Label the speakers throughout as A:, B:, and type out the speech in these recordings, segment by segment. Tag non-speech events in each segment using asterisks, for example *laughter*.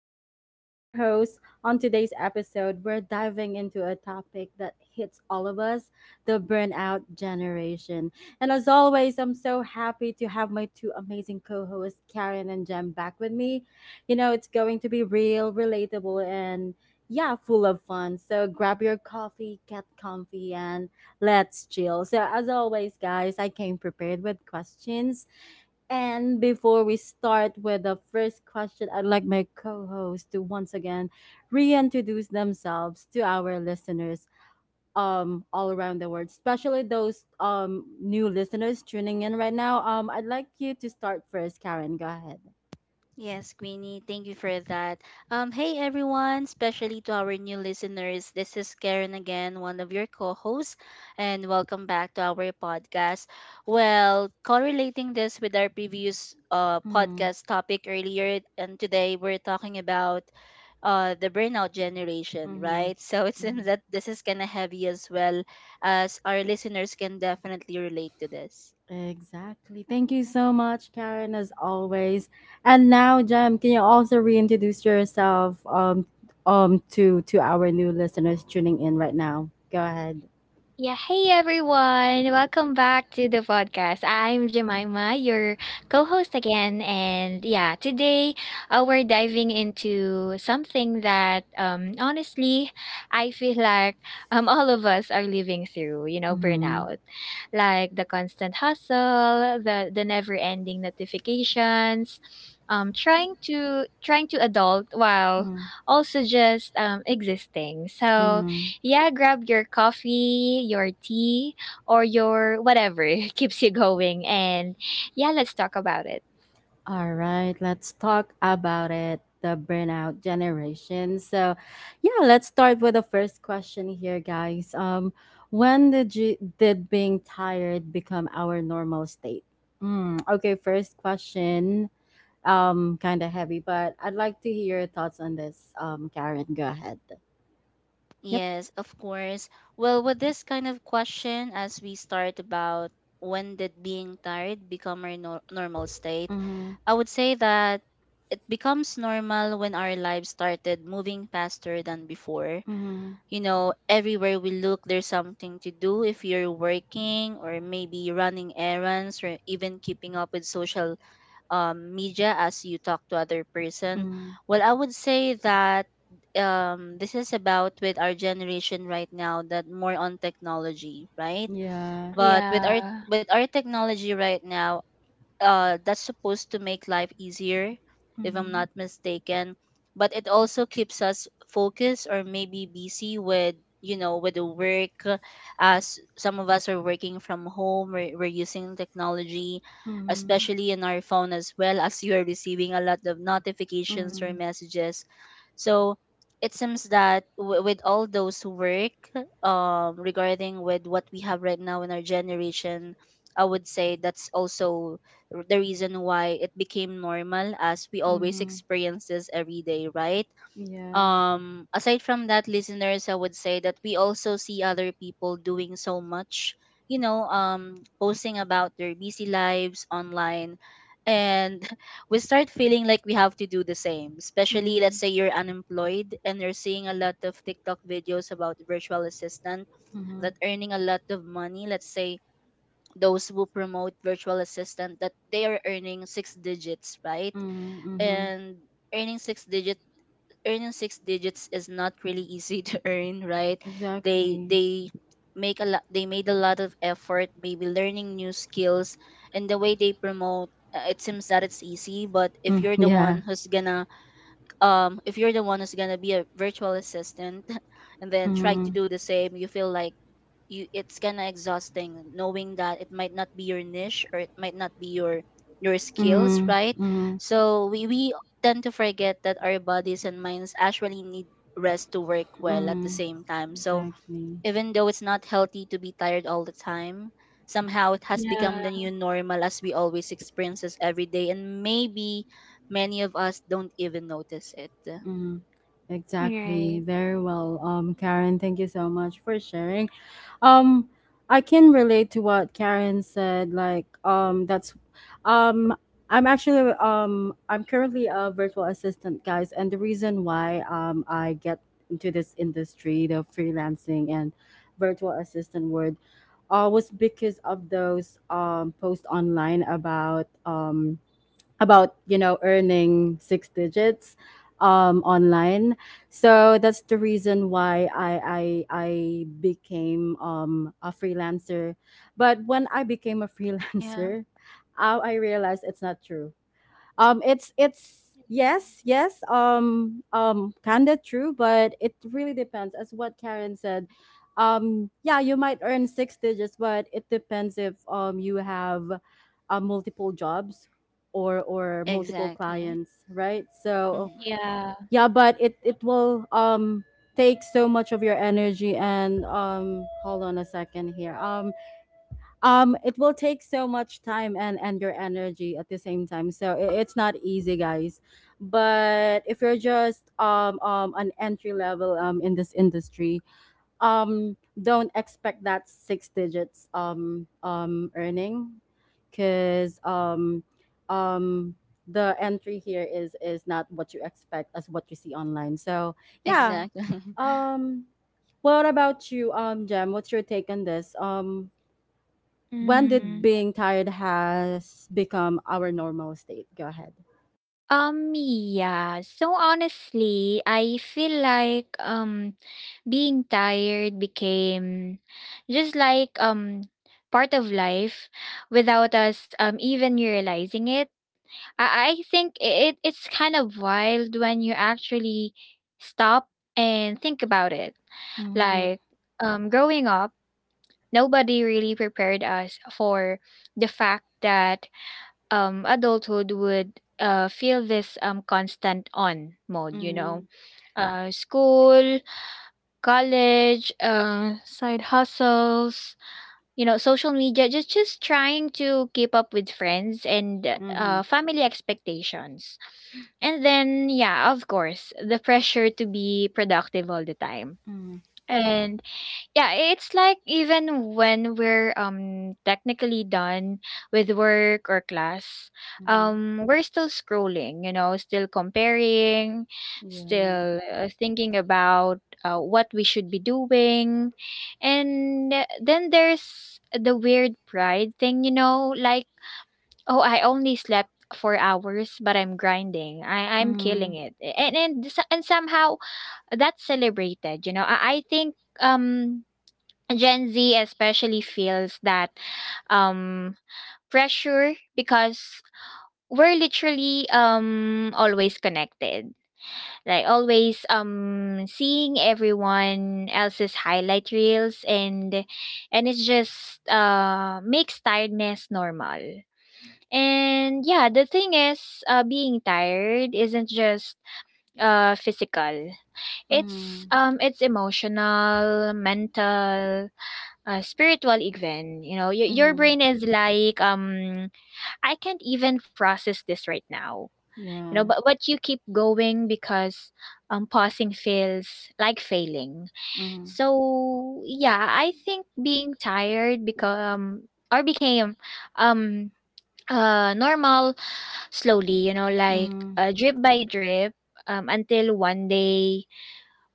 A: again, Queenie, your host. On today's episode, we're diving into a topic that hits all of us, the burnout generation. And as always, I'm so happy to have my two amazing co hosts, Karen and Jem, back with me. You know, it's going to be real, relatable, and yeah, full of fun. So grab your coffee, get comfy, and let's chill. So, as always, guys, I came prepared with questions. And before we start with the first question, I'd like my co host to once again reintroduce themselves to our listeners, all around the world, especially those new listeners tuning in right now. I'd like you to start first, Karen. Go ahead.
B: Yes, Queenie, thank you for that. Hey everyone, especially to our new listeners, this is Karen again, one of your co-hosts, and welcome back to our podcast. Well, correlating this with our previous
A: Mm-hmm.
B: podcast topic earlier, and today we're talking about the burnout generation, right? *laughs* So it
A: Mm-hmm.
B: seems that this is kind of heavy as well, as our listeners can definitely relate to this.
A: Exactly. Thank you so much, Karen, as always. And now, Jem, can you also reintroduce yourself to our new listeners tuning in right now? Go ahead.
C: Yeah, hey everyone. Welcome back to the podcast. I'm Jemima, your co-host again, and yeah, today we're diving into something that honestly, I feel like *laughs* all of us are living through,
A: Mm-hmm.
C: burnout. Like the constant hustle, the never-ending notifications, trying to adult while also just existing. So,
A: Mm-hmm.
C: yeah, grab your coffee, your tea, or your whatever *laughs* keeps you going. And yeah, let's talk about it.
A: All right, let's talk about it. The burnout generation. So, yeah, let's start with the first question here, guys. When did you did being tired become our normal state? Okay, first question. Kind of heavy, but I'd like to hear your thoughts on this. Karen, go ahead. Yep.
B: Yes, of course. Well, with this kind of question, as we start about when did being tired become our normal state,
A: Mm-hmm.
B: I would say that it becomes normal when our lives started moving faster than before.
A: Mm-hmm.
B: You know, everywhere we look, there's something to do if you're working or maybe running errands or even keeping up with social media as you talk to other person.
A: Mm-hmm.
B: Well, I would say that this is about with our generation right now that more on technology, right?
A: Yeah.
B: But
C: Yeah.
B: with our technology right now, that's supposed to make life easier, if I'm
A: Mm-hmm.
B: not mistaken. But it also keeps us focused or maybe busy with, you know, with the work. As some of us are working from home, we're using technology,
A: Mm-hmm.
B: especially in our phone as well as you are receiving a lot of notifications or
A: Mm-hmm.
B: messages. So it seems that with all those work, regarding with what we have right now in our generation, I would say that's also the reason why it became normal as we always
A: Mm-hmm.
B: experience this every day, right?
A: Yeah.
B: Aside from that, listeners, I would say that we also see other people doing so much, you know, posting about their busy lives online. And *laughs* we start feeling like we have to do the same, especially let's
A: Mm-hmm.
B: say you're unemployed and you're seeing a lot of TikTok videos about virtual assistant
A: Mm-hmm. Mm-hmm.
B: that earning a lot of money. Let's say those who promote virtual assistant that they are earning six digits, right?
A: Mm-hmm.
B: And earning six digit earning six digits is not really easy to *laughs* earn, right? they
A: Exactly.
B: they make a lot, they made a lot of effort maybe learning new skills, and the way they promote, it seems that it's easy, but if
A: Mm,
B: you're the
A: yeah.
B: one who's gonna if you're the one who's gonna be a virtual assistant *laughs* and then try to
A: Mm-hmm.
B: do the same, you feel like you it's kind of exhausting, knowing that it might not be your niche or it might not be your skills,
A: Mm-hmm.
B: right?
A: Mm-hmm.
B: So we tend to forget that our bodies and minds actually need rest to work well at the
A: Mm-hmm.
B: same time. So
A: Exactly.
B: even though it's not healthy to be tired all the time, somehow it has become
C: Yeah.
B: the new normal as we always experience this every day, and maybe many of us don't even notice it.
A: Mm-hmm. Exactly.
C: Right.
A: Very well. Karen, thank you so much for sharing. Um, I can relate to what Karen said. Like, um, I'm I'm currently a virtual assistant, guys, and the reason why, I get into this industry, the freelancing and virtual assistant word, was because of those, posts online about, about earning six digits online. So that's the reason why I became a freelancer. But when I became a
B: Yeah,
A: freelancer, *laughs* I realized it's not true. It's
C: Yeah.
A: yes, yes, kind of true, but it really depends, as what Karen said. Yeah, you might earn six digits, but it depends if you have multiple jobs or multiple
B: exactly.
A: clients, right? So
B: Hmm.
C: Yeah.
A: yeah, but it will take so much of your energy, and hold on a second here. It will take so much time and your energy at the same time. So it's not easy, guys. But if you're just an entry level in this industry, um don't expect that six digits earning, because um the entry here is not what you expect, as what you see online. So yeah.
B: Exactly.
A: um what about you, Jem? What's your take on this? When did
C: Mm-hmm.
A: being tired has become our normal state? Go ahead.
C: Yeah. So honestly, I feel like being tired became just like part of life without us even realizing it. I think it's kind of wild when you actually stop and think about it.
A: Mm-hmm.
C: Like growing up, nobody really prepared us for the fact that adulthood would feel this constant on mode.
A: Mm-hmm.
C: School, college, side hustles, social media, just trying to keep up with friends and
A: Mm-hmm.
C: family expectations, and then yeah, of course, the pressure to be productive all the time.
A: Mm-hmm.
C: And yeah, it's like even when we're technically done with work or class,
A: Mm-hmm.
C: we're still scrolling, still comparing,
A: Yeah.
C: still thinking about what we should be doing. And then there's the weird pride thing, like, oh, I only slept 4 hours, but I'm grinding. I'm killing
A: Mm-hmm.
C: it. And somehow that's celebrated. I think um Gen Z especially feels that um, pressure because we're literally always connected, like always seeing everyone else's highlight reels, and it's just makes tiredness normal. And yeah, the thing is, being tired isn't just physical. It's
A: Mm-hmm.
C: um, it's emotional, mental, a spiritual event, your
A: Mm-hmm.
C: brain is like, I can't even process this right now,
A: Yeah.
C: but you keep going because pausing feels like failing.
A: Mm-hmm.
C: So yeah, I think being tired become or became um normal slowly, like
A: Mm-hmm.
C: drip by drip, until one day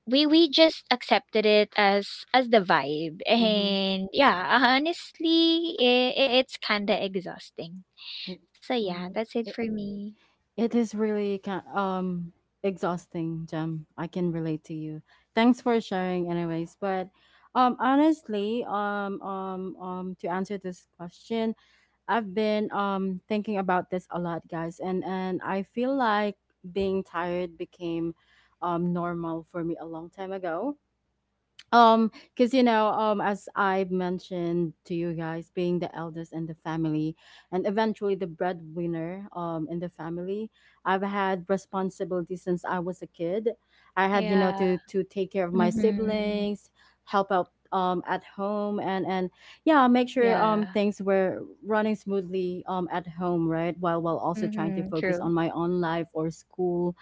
C: we just accepted it as the vibe.
A: Mm-hmm.
C: And yeah, honestly, it's kind of exhausting.
A: It,
C: So yeah,
A: mm.
C: that's it for
A: it
C: me.
A: it is really kind exhausting, Jem. I can relate to you. Thanks for sharing anyways. But honestly, to answer this question, I've been thinking about this a lot, guys, and I feel like being tired became normal for me a long time ago, because, as I mentioned to you guys, being the eldest in the family and eventually the breadwinner in the family, I've had responsibility since I was a kid. I had, you know,
C: Yeah.
A: to take care of my
C: Mm-hmm.
A: siblings, help out at home, and yeah, make sure
C: Yeah.
A: things were running smoothly at home, right, while also trying to
C: Mm-hmm.
A: focus
C: True.
A: on my own life or school.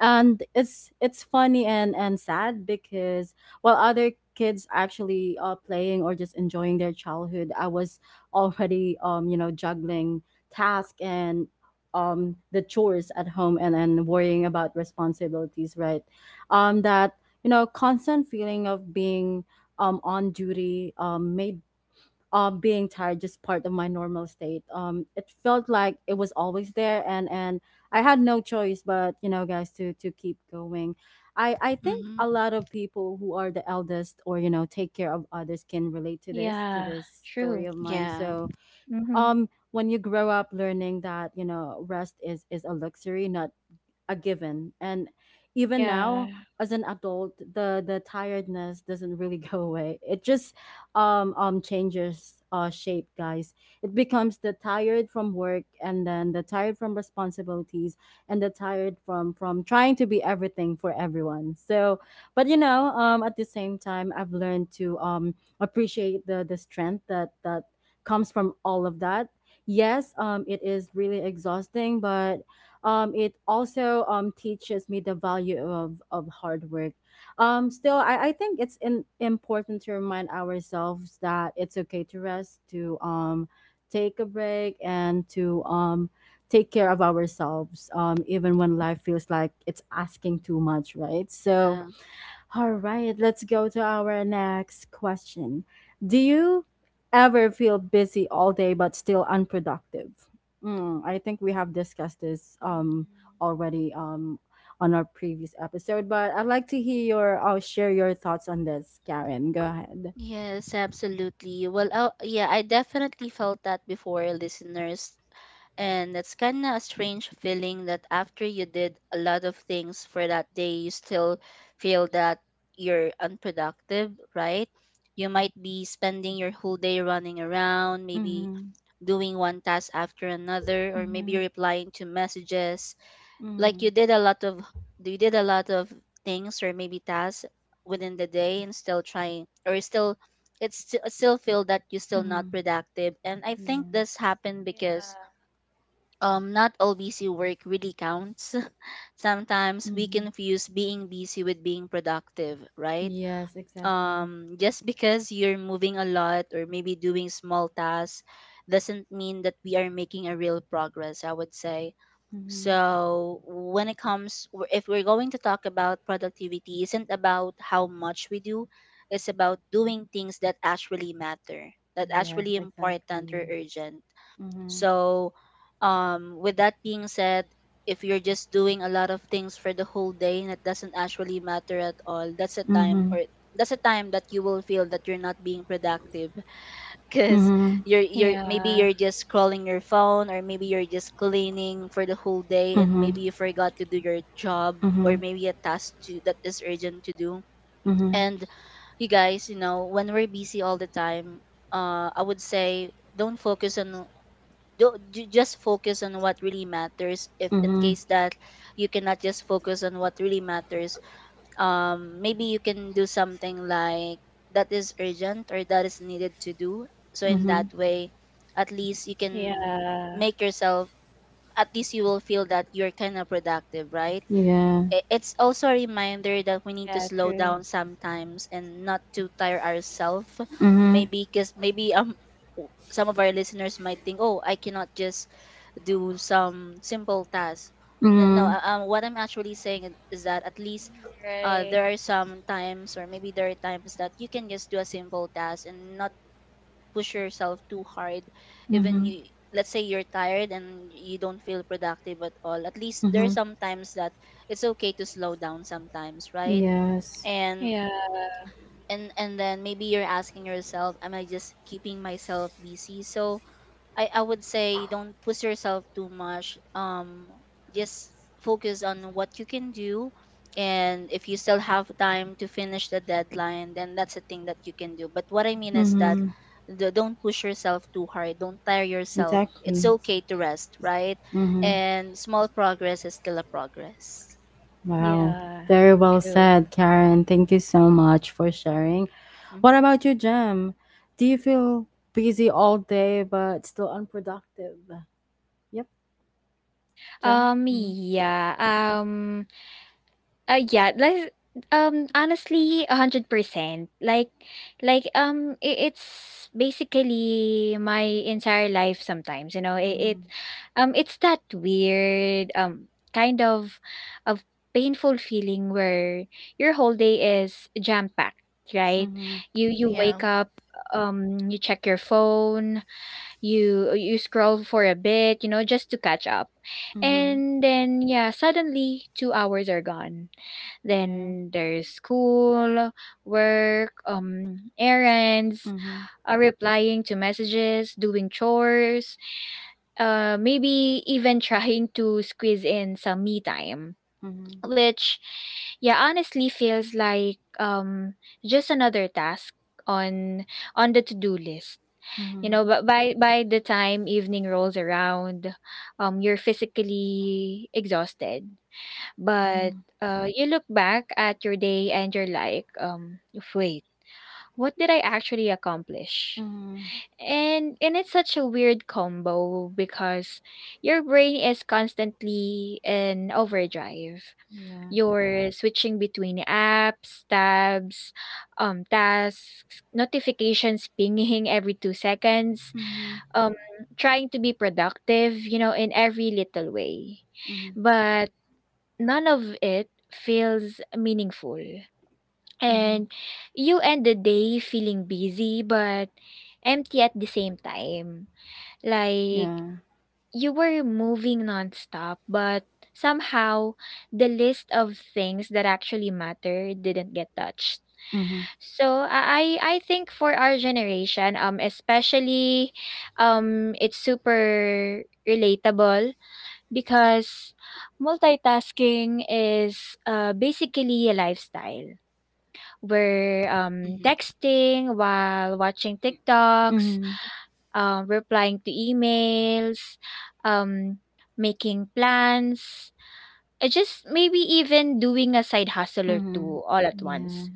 A: And it's funny and sad, because while other kids actually are playing or just enjoying their childhood, I was already, juggling tasks and the chores at home, and worrying about responsibilities, right? That constant feeling of being on duty made being tired just part of my normal state. It felt like it was always there, and I had no choice but, you know, guys, to keep going. I
B: *laughs*
A: think
B: Hmm.
A: a lot of people who are the eldest, or take care of others, can relate to this,
C: Yeah.
A: story
C: True.
A: of mine.
B: Yeah.
A: So
C: Mm-hmm.
A: when you grow up learning that, rest is a luxury, not a given. And even now,
C: Yeah.
A: as an adult, the tiredness doesn't really *laughs* go away. It just changes shape, guys. It becomes the tired from work, and then the tired from responsibilities, and the tired from trying to be everything for everyone. So, but, at the same time, I've learned to appreciate the strength that comes from all of that. Yes, it is really exhausting, but it also, teaches me the value of hard work. Still, I think it's important to remind ourselves that it's okay to rest, to, take a break, and to, take care of ourselves, even when life feels like it's asking too much, right? So,
B: Yeah.
A: all right, let's go to our next question. Do you ever feel busy all day but still unproductive? I think we have discussed this
C: Mhm.
A: already on our previous episode, but I'd like to hear your, I'll share your thoughts on this, Karen. Go ahead.
B: Yes, absolutely. Well, oh, yeah, I definitely felt that before, listeners. And it's kind of a strange feeling that after you did a lot of things for that day, you still feel that you're unproductive, right? You might be spending your whole day running around, maybe
A: Mm-hmm.
B: doing one task after another, or maybe
A: Mm-hmm.
B: replying to messages.
A: Mm-hmm.
B: Like you did a lot of things or maybe tasks within the day and still trying or still still feel that you are still not
A: Mm-hmm.
B: productive. And I think
A: Yeah.
B: this happened because
C: Yeah.
B: not all busy work really counts. *laughs* Sometimes we
A: Mm-hmm.
B: confuse being busy with being productive, right?
A: Yes, exactly.
B: Just because you're moving a lot or maybe doing small tasks doesn't mean that we are making a real progress, I would say.
A: Mm-hmm.
B: So, when it comes, if we're going to talk about productivity, isn't about how much we do, it's about doing things that actually matter, that actually
A: Yes,
B: important or
A: exactly.
B: urgent.
A: Mm-hmm.
B: So, with that being said, if you're just doing a lot of things for the whole day and it doesn't actually matter at all, that's a time
A: Mm-hmm.
B: or that's a time that you will feel that you're not being productive. *laughs* Because
A: Mm-hmm.
B: you're maybe
C: Yeah.
B: you're just scrolling your phone or maybe you're just cleaning for the whole day and
A: Mm-hmm.
B: maybe you forgot to do your job or
A: Mm-hmm.
B: maybe a task to that is urgent to do.
A: Mm-hmm.
B: And you guys, you know, when we're busy all the time, I would say don't focus on ju- just focus on what really matters. If in
A: Mm-hmm.
B: case that you cannot just focus on what really matters, maybe you can do something like that is urgent or that is needed to do. So in
A: Mm-hmm.
B: that way, at least you can
C: Yeah.
B: make yourself, at least you will feel that you're kind of productive, right?
A: Yeah.
B: It's also a reminder that we need to
C: Yeah.
B: slow
C: True.
B: down sometimes and not to tire ourselves,
A: Mm-hmm.
B: maybe because maybe some of our listeners might think, oh, I cannot just do some simple tasks. No, no,
A: Mm-hmm.
B: what I'm actually saying is that at least,
C: Mhm. Right.
B: there are some times or maybe there are times that you can just do a simple task and not push yourself too hard, even
A: Mm-hmm.
B: you, let's say you're tired and you don't feel productive at all, at least there's
A: Mm-hmm.
B: sometimes that it's okay to slow down sometimes, right?
A: Yes.
B: and
C: Yeah.
B: and then maybe you're asking yourself, am I just keeping myself busy? So I would say don't push yourself too much. Just focus on what you can do. And if you still have time to finish the deadline, then that's a thing that you can do. But what I mean is that
A: Mm-hmm.
B: don't push yourself too hard. Don't tire yourself. It's
A: Exactly.
B: okay to rest, right?
A: Mhm.
B: And small progress is still a progress.
A: Wow.
C: Yeah.
A: Very well
C: True.
A: said, Karen. Thank you so much for sharing. What
B: Hmm.
A: about you, Jem? Do you feel busy all day but still unproductive? Yep, Jem.
C: um
A: Mhm.
C: yeah um yeah, like honestly, 100%. Like, I it's basically my entire life. Sometimes it, it,
A: Mhm.
C: um, it's that weird kind of painful feeling where your whole day is jam packed. Right,
A: Mhm.
C: you
B: Yeah.
C: wake up, you check your phone, you scroll for a bit, just to catch up.
A: Mhm.
C: And then yeah, suddenly 2 hours are gone.
A: Yeah.
C: Then there's school, work, errands,
A: Mhm.
C: replying to messages, doing chores, maybe even *laughs* trying to squeeze in some me time,
A: Mhm.
C: which yeah, honestly feels like just another task on on the to-do list you
A: Mhm.
C: know, but by the time evening rolls around, you're physically exhausted. But
A: Mhm.
C: you look back at your day and you're like, wait, what did I actually accomplish?
A: Mhm.
C: And it's such a weird combo because your brain is constantly in overdrive.
A: Yeah.
C: You're switching between apps, tabs, tasks, notifications pinging *laughs* every 2 seconds,
A: Mhm.
C: um trying to be productive, in every little way.
A: Mhm.
C: But none of it feels meaningful.
A: Mhm.
C: And you end the day feeling busy but empty at the same time. Like
A: Yeah.
C: you were moving nonstop, but somehow the list of things that actually matter didn't get touched.
A: Mhm.
C: So I think for our generation, especially, it's super relatable because multitasking is basically a lifestyle. We're
B: Hmm.
C: texting while watching TikToks,
A: Mhm.
C: replying to emails, um, making plans, and just maybe even doing a side hustle or
A: Mhm.
C: two all at
A: Yeah.
C: once.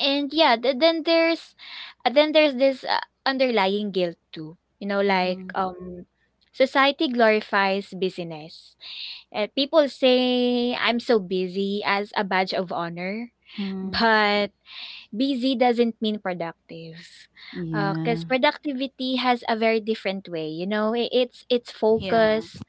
C: And yeah, then there's this underlying guilt too. Like,
A: Mhm.
C: society glorifies busyness. People say I'm so busy as a badge of honor,
A: Mhm.
C: but busy doesn't mean productive.
A: Yeah.
C: 'Cause productivity has a very different way, you know? I it's
B: Yeah.
C: focus,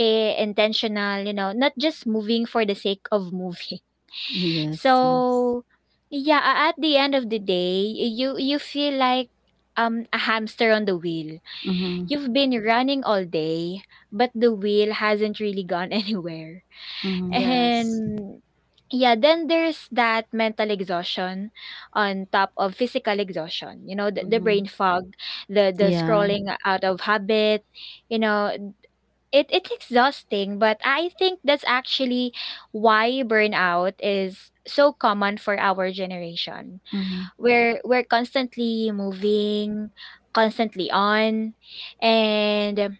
C: intentional, not just moving for the sake of moving. *laughs*
A: Yes, yes.
C: So, yeah, at the end of the day, you feel like a hamster on the wheel.
A: Mhm.
C: You've been running all day, but the wheel hasn't really gone *laughs* anywhere.
A: Mhm.
B: Yes.
C: And yeah, then there's that mental exhaustion on top of physical exhaustion. The
A: Mhm.
C: brain fog, the
A: Yeah.
C: scrolling out of habit, you know, it's exhausting, but I think that's actually why burnout is so common for our generation.
A: Mhm.
C: We're constantly moving, constantly on, and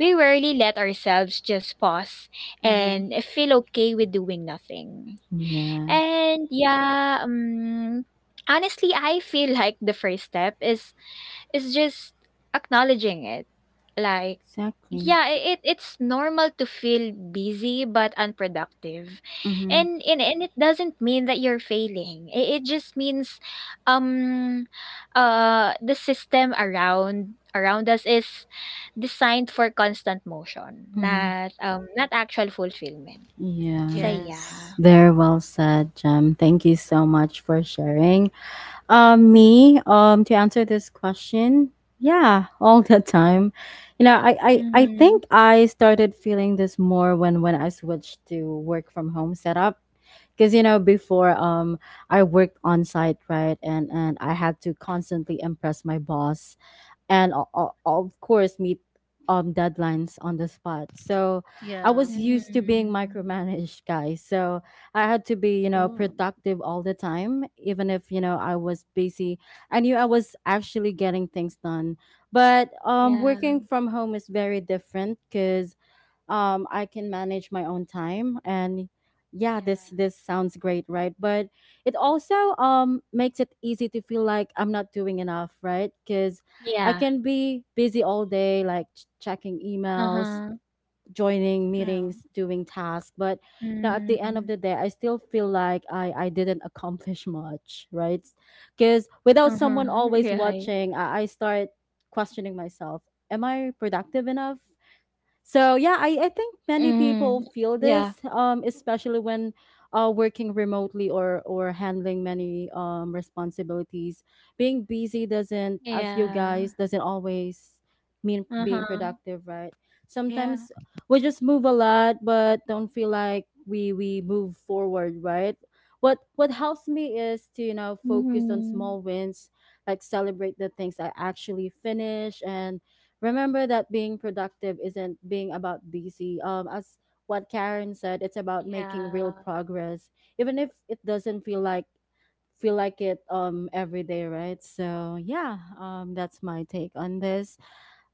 C: we rarely let ourselves just pause
A: Mhm.
C: and feel okay with doing nothing.
A: Yeah.
C: And yeah, honestly, I feel *laughs* like the first step is it's just acknowledging it. Like,
A: Exactly.
C: yeah, it's normal to feel busy but unproductive.
A: Mhm.
C: And it doesn't mean that you're failing. It just means um the system around us is designed for constant motion,
A: Mhm.
C: not actual fulfillment.
A: Yeah,
C: So
B: Yes.
C: yeah.
A: very well said, Jem. Thank you so much for sharing. Um,
C: Mm-hmm.
A: me, um, to answer this question, yeah, all the time. You know, I
C: Mm-hmm.
A: think I started feeling this more when I switched to work from home setup. Because, before I worked on site, right, and I had to constantly impress my boss, and of course meet deadlines on the spot. So I
B: Yeah.
A: was used to being
C: Mm-hmm.
A: micromanaged, guys. So I had to be,
B: Ooh.
A: productive all the time, even if, I was busy. I knew I was actually getting things done. But
C: Yeah.
A: working from home is very different, because I can manage my own time, and yeah,
C: Yeah.
A: this sounds great, right? But it also makes it easy to feel like I'm not doing enough, right, cuz I
C: Yeah.
A: can be busy all day, like checking emails,
C: Uh-huh.
A: joining
B: Yeah.
A: meetings, doing tasks. But now at the
C: Mm,
A: end of the day, I still feel like I didn't accomplish much, right, cuz without
C: uh-huh,
A: someone always
C: yeah, right.
A: watching, I start questioning myself, am I productive enough? So yeah, I think many
C: Mm,
A: people feel
C: yeah,
A: this, especially when, working remotely, or handling many, responsibilities. Being busy doesn't, as you
C: yeah,
A: guys, doesn't always mean being
C: uh-huh,
A: productive, right?
B: Yeah.
A: Sometimes we just move a lot, but don't feel like we move forward, right? What helps me is to, focus on
C: mhm.
A: small wins, like celebrate the things I actually finish, and remember that being productive isn't being about busy. As what Karen said, it's about making real
C: Yeah.
A: progress, even if it doesn't feel like it every day, right? So yeah, that's my take on this.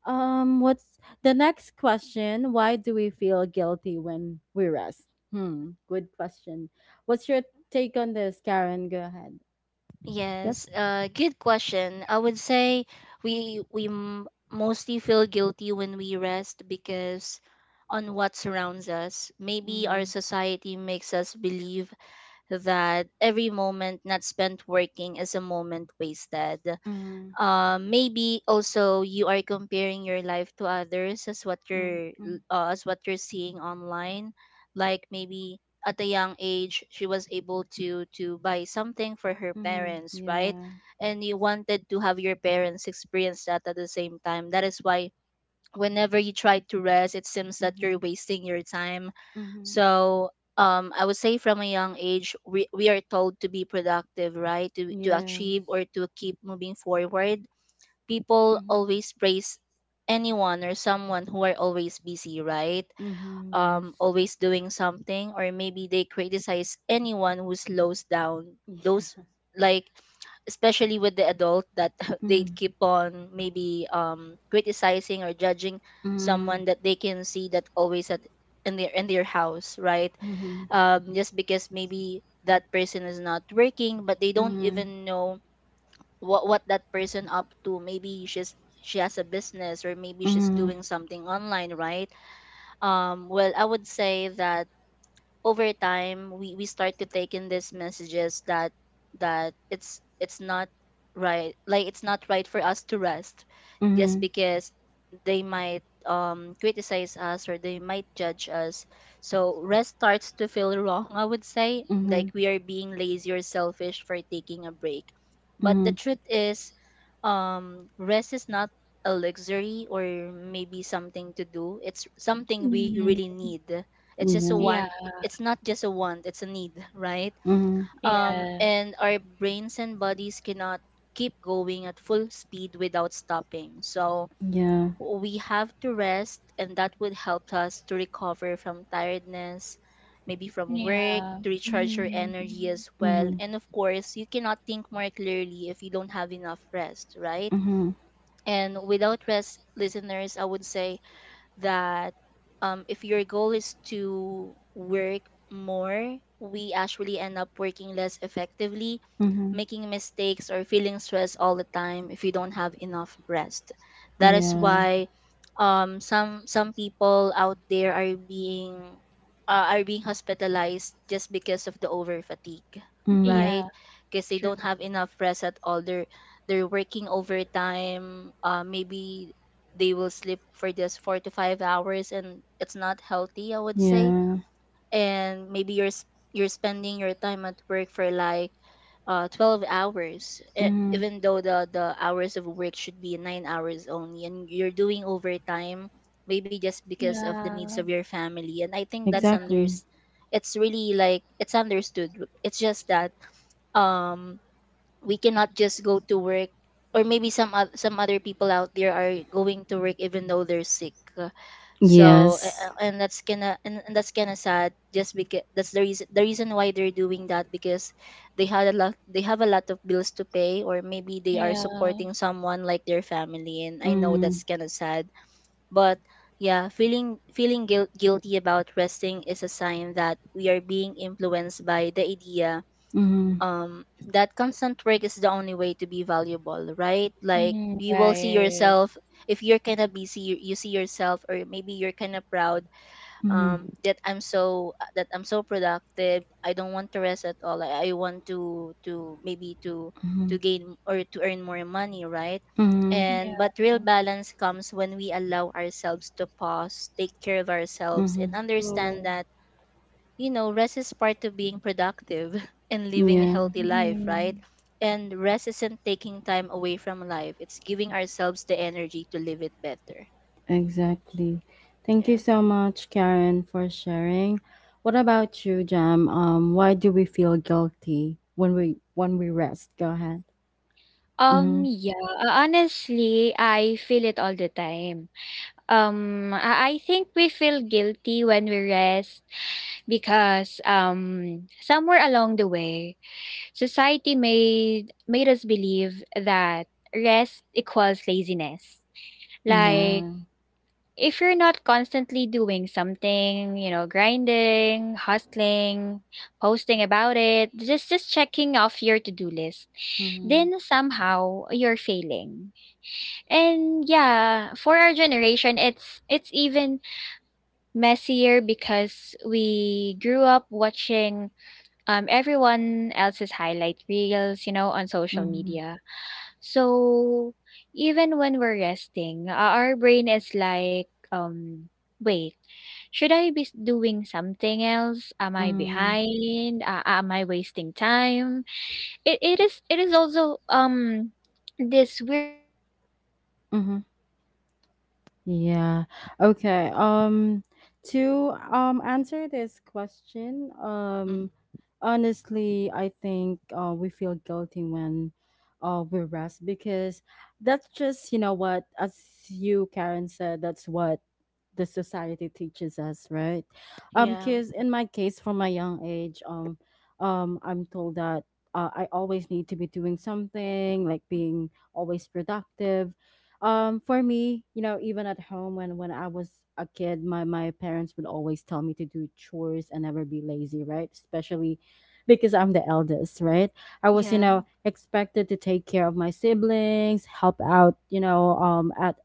A: What's the next question? Why do we feel guilty when we rest? Hmm, good question. What's your take on this, Karen? Go ahead. Yep.
B: Yes, good question. I would say we mostly feel guilty when we rest because on what surrounds us. Maybe our
A: Mm-hmm.
B: society makes us believe that every moment not spent working is a moment wasted.
A: Mm-hmm.
B: Maybe also you are comparing your life to others
A: Mm-hmm.
B: as what you're seeing online. Like maybe at a young age she was able to buy something for her
A: Mm-hmm.
B: parents, right?
A: Yeah.
B: And you wanted to have your parents experience that at the same time. That is why whenever you try to rest, it seems that
A: Mm-hmm.
B: you're wasting your time.
A: Mm-hmm.
B: So, I would say from a young age, we are told to be productive, right? To achieve
A: Yes.
B: or to keep moving forward. People
A: Mhm.
B: always praise anyone or someone who are always busy, right?
A: Mhm. Yes.
B: Always doing something, or maybe they criticize anyone who slows down. Those,
A: Yeah.
B: like, especially with the adult that *laughs* they
A: Mm.
B: keep on maybe criticizing or judging
A: Mm.
B: someone that they can see that always at in their house, right?
A: Mhm.
B: Just because maybe that person is not working, but they don't
A: Mhm.
B: even know what that person up to. Maybe she's she has a business or maybe she's
A: Mhm.
B: doing something online, right? Um, well, I would say that over time we start to take in these messages that it's not right, like it's not right for us to rest, just
A: Mhm.
B: because they might criticize us or they might judge us. So rest starts to feel wrong, I would say, like
A: Mhm.
B: we are being lazy or selfish for taking a break. But the
A: Mhm.
B: truth is, rest is not a luxury or maybe something to do, it's something we
C: Mhm.
B: really need.
A: You
B: it's just a
A: know.
C: Yeah,
B: one it's not just a want, it's a need, right?
A: Mhm.
C: yeah,
B: And our brains and bodies cannot keep going at full speed without stopping. So
A: Yeah.
B: we have to rest, and that would help us to recover from tiredness, maybe from work,
C: yeah,
B: to recharge your energy
C: mhm.
B: as well.
A: Mhm.
B: And of course, you cannot think more clearly if you don't have enough rest, right?
A: Mhm.
B: And without rest, listeners, I would say that, if your goal is to work more, we actually end up working less effectively,
A: Mhm.
B: making mistakes or feeling stressed all the time if you don't have enough rest. That is
A: Yeah.
B: why some people out there are being hospitalized just because of the over fatigue,
A: Mhm.
C: Yeah,
B: right? Because they
C: true.
B: don't have enough rest at all. They're working overtime. Maybe they will sleep for just 4 to 5 hours, and it's not healthy, I would say.
A: Yeah.
B: And maybe you're spending your time at work for like 12 hours,
A: Mhm.
B: even though the hours of work should be 9 hours only, and you're doing overtime maybe just because of the needs
C: Yeah,
B: of your family. And I think
C: yeah,
B: that's under
A: Exactly.
B: it's really like it's understood. It's just that um we cannot just go to work, or maybe some other people out there are going to work even though they're sick. So
A: Yes.
B: and that's kind of and that's kind of sad just because that's the reason why they're doing that, because they have a lot of bills to pay, or maybe they are
C: yeah.
B: supporting someone like their family, and I know
A: Mhm.
B: that's kind of sad. But yeah, guilty about resting is a sign that we are being influenced by the idea,
A: Mhm.
B: um that constant work is the only way to be valuable, right? Like
C: Mm,
B: you will see
C: right.
B: yourself if you're kind of busy, you see yourself, or maybe you're kind of proud,
A: Mhm.
B: that I'm so, that I'm so productive, I don't want to rest at all. I want to maybe
A: Mhm.
B: to gain or to earn more money, right?
A: Mhm.
B: And
C: Yeah,
B: but real balance comes when we allow ourselves to pause, take care of ourselves, and
A: Mhm.
B: understand
C: true.
B: that, you know, rest is part of being productive *laughs* and living a
A: Yeah.
B: healthy life, right?
C: Mhm.
B: And rest isn't taking time away from life. It's giving ourselves the energy to live it better.
A: Exactly. Thank you
B: Yeah.
A: so much, Karen, for sharing. What about you, Jam? Why do we feel guilty when we rest? Go ahead. Mm-hmm.
C: Yeah, honestly, I feel it all the time. I think we feel guilty when we rest because, somewhere along the way, society made us believe that rest equals laziness. Like
A: Yeah.
C: if you're not constantly doing something, grinding, hustling, posting about it, just checking off your to-do list,
A: Mm-hmm.
C: then somehow you're failing. And yeah, for our generation, it's even messier because we grew up watching everyone else's highlight reels, on social
A: Mm-hmm.
C: media. So even when we're resting, our brain is like, wait, should I be doing something else? Am I
A: Mm-hmm.
C: behind? Am I wasting time? It is also this weird
A: Mm-hmm. Yeah. Okay. To answer this question,
B: Mm.
A: honestly, I think we feel guilty when we rest because that's just, you know what, as you, Karen, said, that's what the society teaches us, right? Um
B: Yeah.
A: cuz in my case from my young age, I'm told that, I always need to be doing something, like being always productive, for me, even at home when I was a kid, my parents would always tell me to do chores and never be lazy, right? Especially because I'm the eldest, right? I was,
B: Yeah.
A: expected to take care of my siblings, help out, at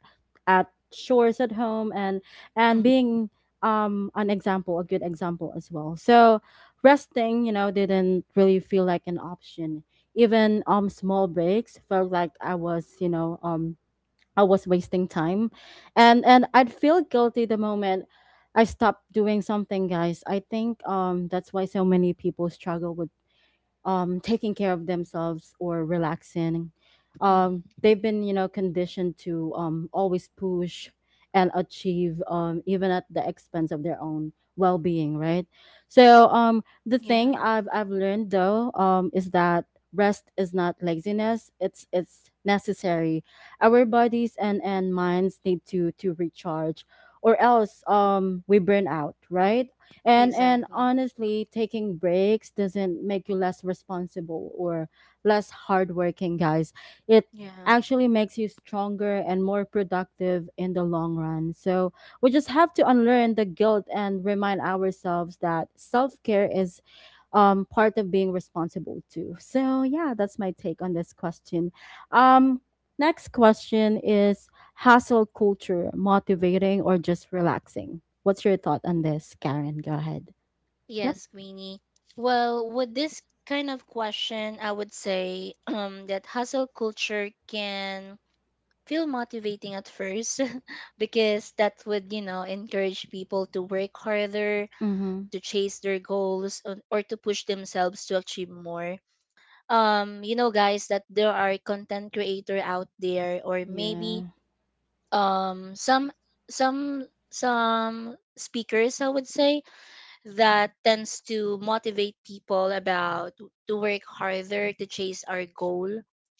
A: chores at home, and
B: Mm.
A: being an example, a good example as well. So resting, didn't really feel like an option. Even small breaks felt like I was, I was wasting time. And I'd feel guilty the moment I stopped doing something, guys. I think that's why so many people struggle with taking care of themselves or relaxing.
B: Mm.
A: They've been, conditioned to always push and achieve, even at the expense of their own well-being, right? So the
B: Yeah.
A: thing I've learned though is that rest is not laziness; it's necessary. Our bodies and minds need to recharge, or else we burn out, right? And
B: Exactly.
A: honestly, taking breaks doesn't make you less responsible or less hardworking, guys. It
B: Yeah.
A: actually makes you stronger and more productive in the long run. So we just have to unlearn the guilt and remind ourselves that self-care is part of being responsible too. So yeah, that's my take on this question. Um, Next question is, hustle culture motivating or just relaxing? What's your thought on this, Karen? Go ahead. Yep.
B: Yes, Queenie. Well, with this kind of question, I would say *clears throat* that hustle culture can feel motivating at first *laughs* because that would, you know, encourage people to work harder,
A: Mm-hmm.
B: to chase their goals, or to push themselves to achieve more. You know, guys, that there are content creator out there, or maybe
A: Yeah.
B: um some some some speakers, I would say, that tends to motivate people about to work harder, to chase our goal,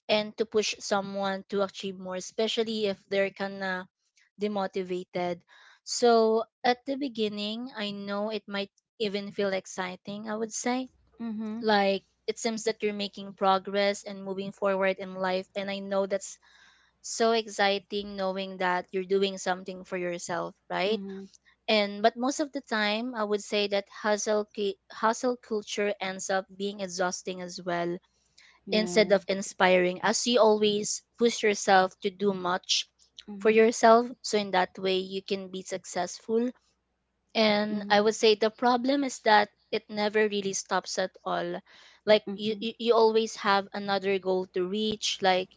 B: and to push someone to achieve more, especially if they're kinda demotivated. So at the beginning, I know it might even feel exciting, I would say,
A: Mm-hmm.
B: like it seems that you're making progress and moving forward in life, and I know that's so exciting, knowing that you're doing something for yourself, right?
A: Mm-hmm.
B: And but most of the time, I would say that hustle culture ends up being exhausting as well,
A: Yeah.
B: instead of inspiring, as you always push yourself to do much for
A: Mm-hmm.
B: yourself, so in that way you can be successful. And
A: Mm-hmm.
B: I would say the problem is that it never really stops at all. Like
A: Mm-hmm.
B: you always have another goal to reach,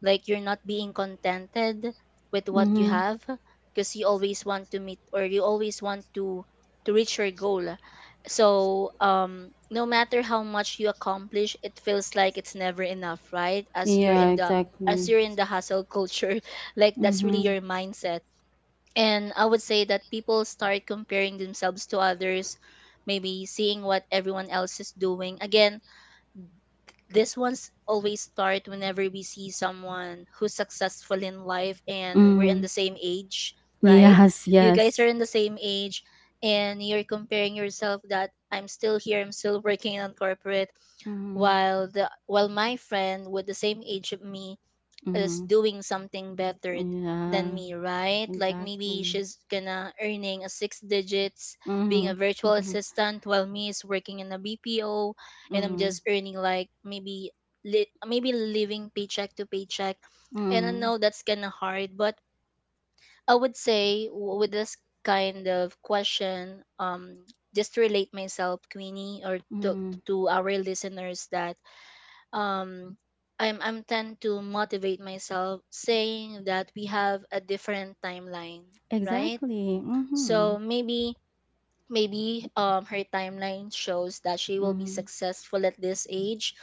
B: like you're not being contented with what you
A: Mm-hmm.
B: have, because you always want to meet, or you always want to reach your goal. So no matter how much you accomplish, it feels like it's never enough, right?
A: Yeah, exactly.
B: As you're in the hustle culture *laughs* like that's really
A: Mm-hmm.
B: your mindset. And I would say that people start comparing themselves to others, maybe seeing what everyone else is doing. Again, this one's always start whenever we see someone who's successful in life, and we're in
A: Mm.
B: the same age, right?
A: Yes,
B: You guys are
A: yes.
B: in the same age, and you're comparing yourself that I'm still here, I'm still working on corporate,
A: Mm-hmm.
B: while the while my friend with the same age of me is
A: Mm-hmm.
B: doing something better than
A: Yeah,
B: me, right? Like maybe
A: exactly.
B: she's gonna earning a six digits being a virtual
A: Mm-hmm. *laughs*
B: assistant, while me is working in a BPO, and I'm
A: Mhm,
B: just earning like maybe living paycheck to paycheck. And I
A: mm,
B: know that's kind of hard, but I would say with this kind of question, just to relate myself, Queenie, or
A: mhm.
B: to our listeners, that um I'm tend to motivate myself saying that we have a different timeline, right?
A: Exactly,
B: So
A: mhm,
B: maybe her timeline shows that she will be
A: mhm,
B: successful at this age,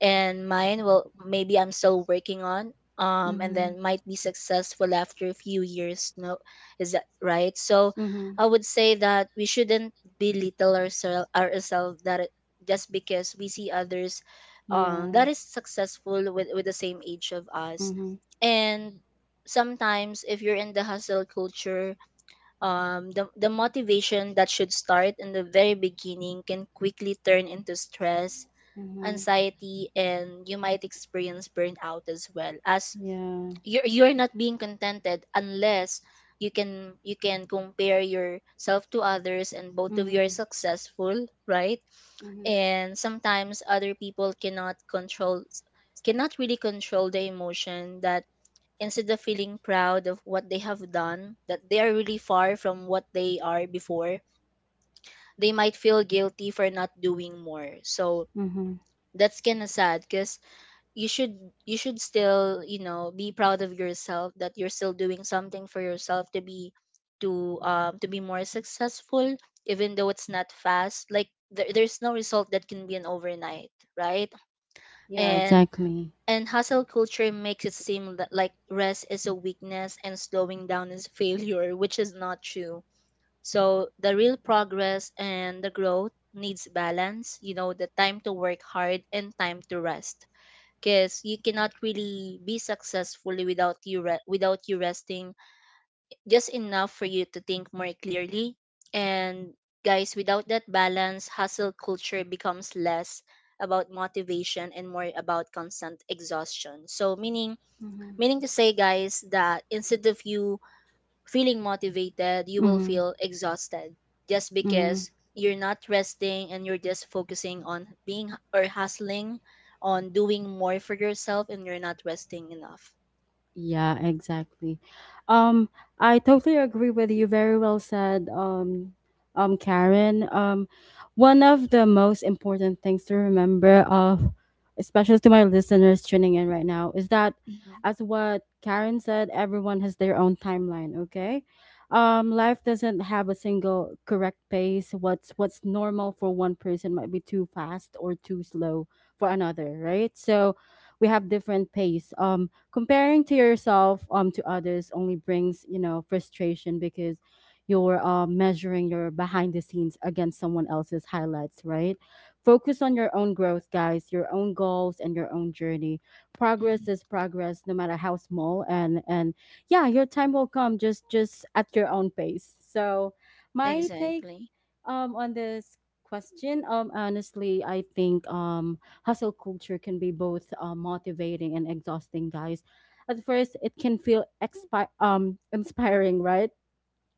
B: and mine will maybe I'm still working on and
A: mhm,
B: then might be successful after a few years, no, is that right? So
A: mhm.
B: I would say that we shouldn't belittle ourselves, just because we see others
A: Yeah,
B: that is successful with the same age of us.
A: mhm,
B: And sometimes if you're in the hustle culture the motivation that should start in the very beginning can quickly turn into stress,
A: mhm,
B: anxiety, and you might experience burnout as well. As
A: yeah,
B: you're not being contented, unless you can compare yourself to others and both of you are
A: mhm,
B: successful, right?
A: mhm,
B: And sometimes other people cannot control, cannot really control the emotion that, instead of feeling proud of what they have done, that they are really far from what they are before, they might feel guilty for not doing more. So
A: mhm.
B: that's kind of sad, because you should you should still, you know, be proud of yourself, that you're still doing something for yourself to be, to be more successful, even though it's not fast, like there's no result that can be an overnight, right?
A: Yeah,
B: and
A: exactly.
B: and hustle culture makes it seem that like rest is a weakness and slowing down is *laughs* failure, which is not true. So the real progress and the growth needs balance, you know, the time to work hard and time to rest. Because you cannot really be successfully without you resting just enough for you to think more clearly. And guys, without that balance, hustle culture becomes less about motivation and more about constant exhaustion. So
A: Mhm,
B: meaning to say, guys, that instead of you feeling motivated, you will
A: mhm,
B: feel exhausted, just
A: mhm.
B: because you're not resting, and you're just focusing on being or hustling, on doing more for yourself and you're not resting enough.
A: Yeah, exactly. Um, I totally agree with you. Very well said, Karen. One of the most important things to remember of, especially to my listeners tuning in right now, is that,
B: Mhm.
A: as what Karen said, everyone has their own timeline. Okay, life doesn't have a single correct pace. What's normal for one person might be too fast or too slow for another, right? So, we have different pace. Comparing to yourself to others only brings, you know, frustration, because you're measuring your behind the scenes against someone else's highlights, right? Focus on your own growth, guys, your own goals and your own journey.
B: Mhm.
A: Progress is progress, no matter how small. And yeah, your time will come, just at your own pace. So my take
B: Exactly.
A: on this question, honestly, I think hustle culture can be both motivating and exhausting, guys. At first, it can feel inspiring, right?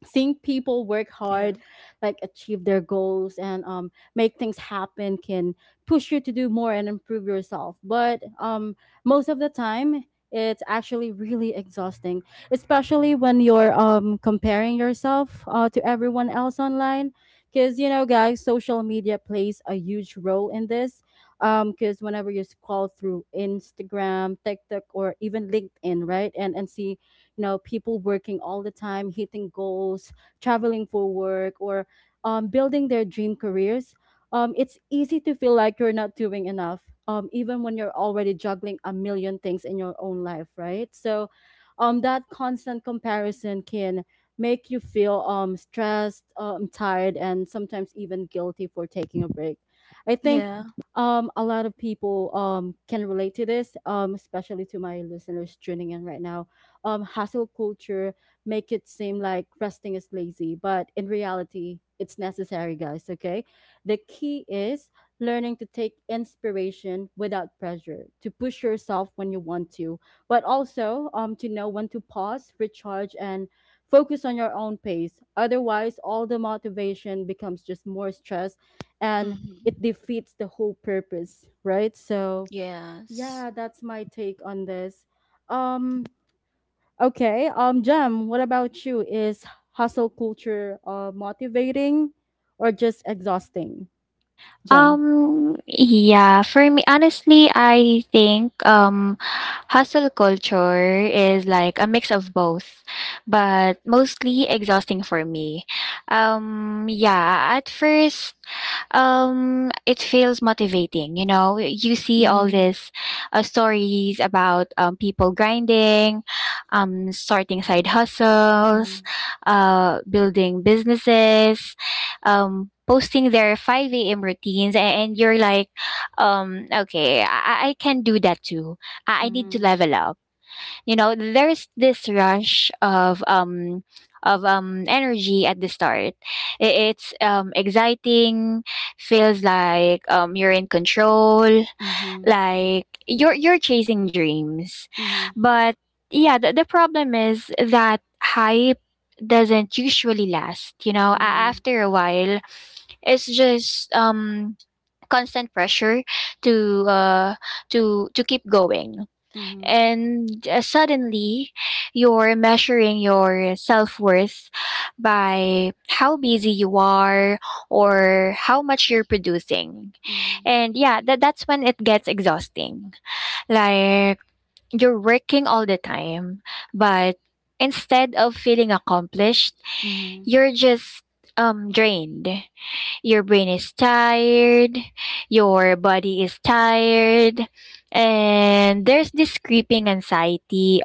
A: Seeing people work
B: Yeah.
A: hard, like achieve their goals and make things happen can push you to do more and improve yourself. But most of the time, it's actually really exhausting, especially when you're comparing yourself to everyone else online, because, you know, guys, social media plays a huge role in this, because whenever you scroll through Instagram, TikTok, or even LinkedIn, right? And see, you know, people working all the time, hitting goals, traveling for work, or building their dream careers, it's easy to feel like you're not doing enough, even when you're already juggling a million things in your own life, right? So that constant comparison can make you feel, stressed, tired, and sometimes even guilty for taking a break. I think
B: Yeah.
A: a lot of people can relate to this, especially to my listeners tuning in right now. Hustle culture make it seem like resting is lazy, but in reality, it's necessary, guys. Okay. The key is learning to take inspiration without pressure, to push yourself when you want to, but also to know when to pause, recharge, and focus on your own pace. Otherwise, all the motivation becomes just more stress, and
B: Mhm.
A: it defeats the whole purpose, right? So,
B: Yes.
A: yeah, that's my take on this. Um, Okay. Jem, what about you? Is hustle culture motivating or just exhausting? Jem. Mm-hmm. Mm-hmm. Mm-hmm. Mm-hmm. Mm-hmm. Mm-hmm. Mm-hmm. Mm-hmm.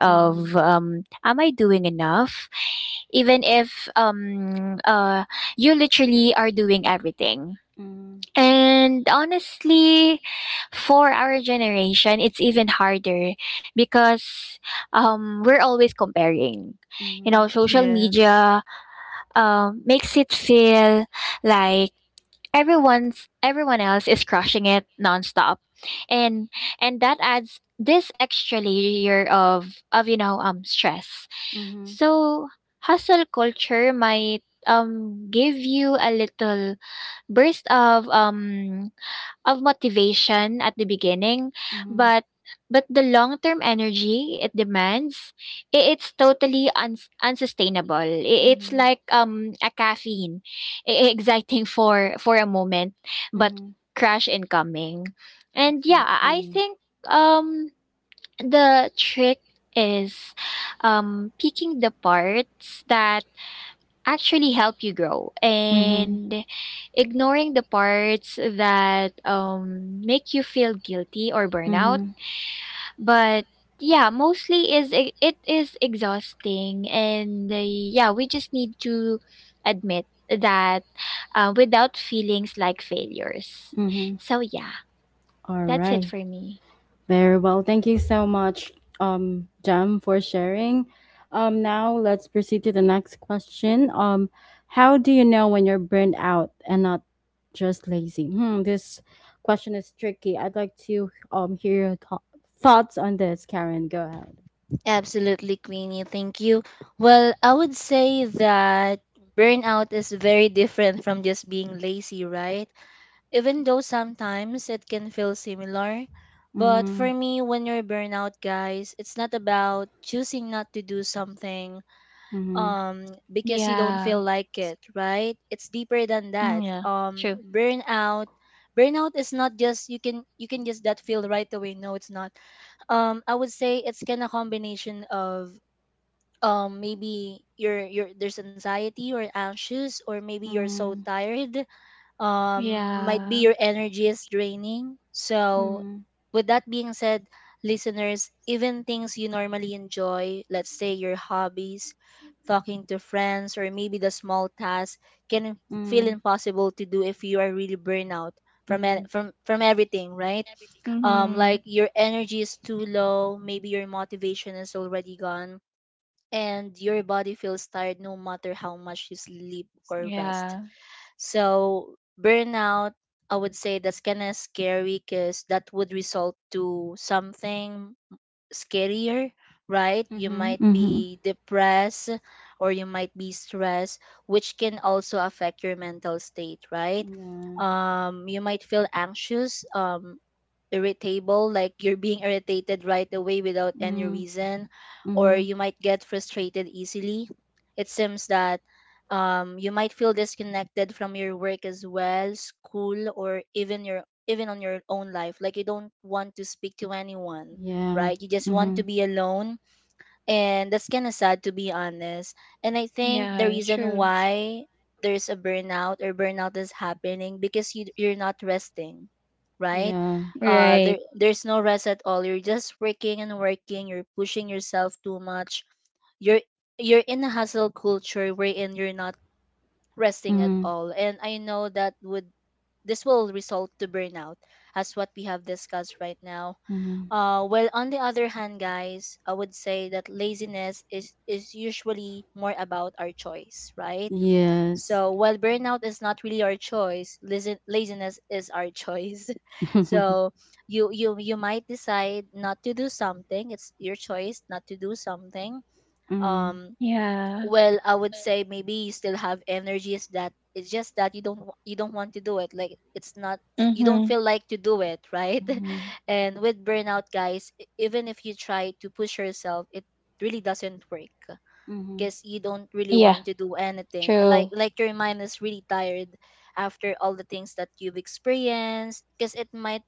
A: Mm-hmm. Mm-hmm. Mm-hmm.
B: Yes.
A: Mm-hmm. Mm-hmm. Mm-hmm. Mm-hmm. Exactly. Mm-hmm. Mm-hmm. Mm-hmm. All right. Very well. Thank you so much, Jam, for sharing. Now let's proceed to the next question. How do you know when you're burned out and not just lazy? Hmm, this question is tricky. I'd like to hear your thoughts on this, Karen. Go ahead.
B: Absolutely, Queenie. Thank you. Well, I would say that burnout is very different from just being lazy, right? Even though sometimes it can feel similar. But for
A: Mm-hmm.
B: me, when you're burnout, guys, it's not about choosing not to do something,
A: Mm-hmm.
B: um because you don't feel like it, right? It's deeper than that. Burnout is not just you can, you can just that feel right away. No, it's not. I would say it's kind of combination of, um, maybe you're there's anxiety or anxious, or maybe you're so
A: Mm-hmm.
B: tired, um, might be your energy is draining. So with that being said, listeners, even things you normally enjoy, let's say your hobbies, talking to friends, or maybe the small tasks, can feel
A: Mm-hmm.
B: impossible to do if you are really burnout from
A: Mm-hmm.
B: from everything, right? Um, like your energy is too low, maybe your motivation is already gone, and your body feels tired no matter how much you sleep or rest. So burnout, I would say that's kind of scary, because that would result to something scarier, right? You
A: Mm-hmm.
B: might
A: Mm-hmm.
B: be depressed, or you might be stressed, which can also affect your mental state, right?
A: Yeah.
B: You might feel anxious. Irritable, like you're being irritated right away without any
A: Mm-hmm.
B: reason, or
A: Mm-hmm.
B: you might get frustrated easily. It seems that you might feel disconnected from your work as well, school, or even on your own life. Like you don't want to speak to anyone,
A: Yeah.
B: right? You just want
A: Mm-hmm.
B: to be alone, and that's kind of sad, to be honest. And I think the reason why there's a burnout, or burnout is happening, because you're not resting, right?
A: Yeah.
B: Uh, there's no rest at all, you're just working and working, you're pushing yourself too much, you're you're in a hustle culture wherein you're not resting at
A: Mm-hmm.
B: all, and I know that would, this will result to burnout, as what we have discussed right now.
A: Mm-hmm.
B: Uh, while on the other hand, guys, I would say that laziness is usually more about our choice, right?
A: Yes.
B: So while burnout is not really our choice, laziness is our choice. *laughs*
A: *laughs*
B: So you might decide not to do something. It's your choice not to do something.
A: Mm.
B: Um, well I would say maybe you still have energies, that it's just that you don't want to do it, like it's not, you don't feel like to do it, right?
A: Mhm.
B: *laughs* And with burnout, guys, even if you try to push yourself, it really doesn't work,
A: Mhm.
B: because you don't really want to do anything. And like your mind is really tired after all the things that you've experienced, because it might,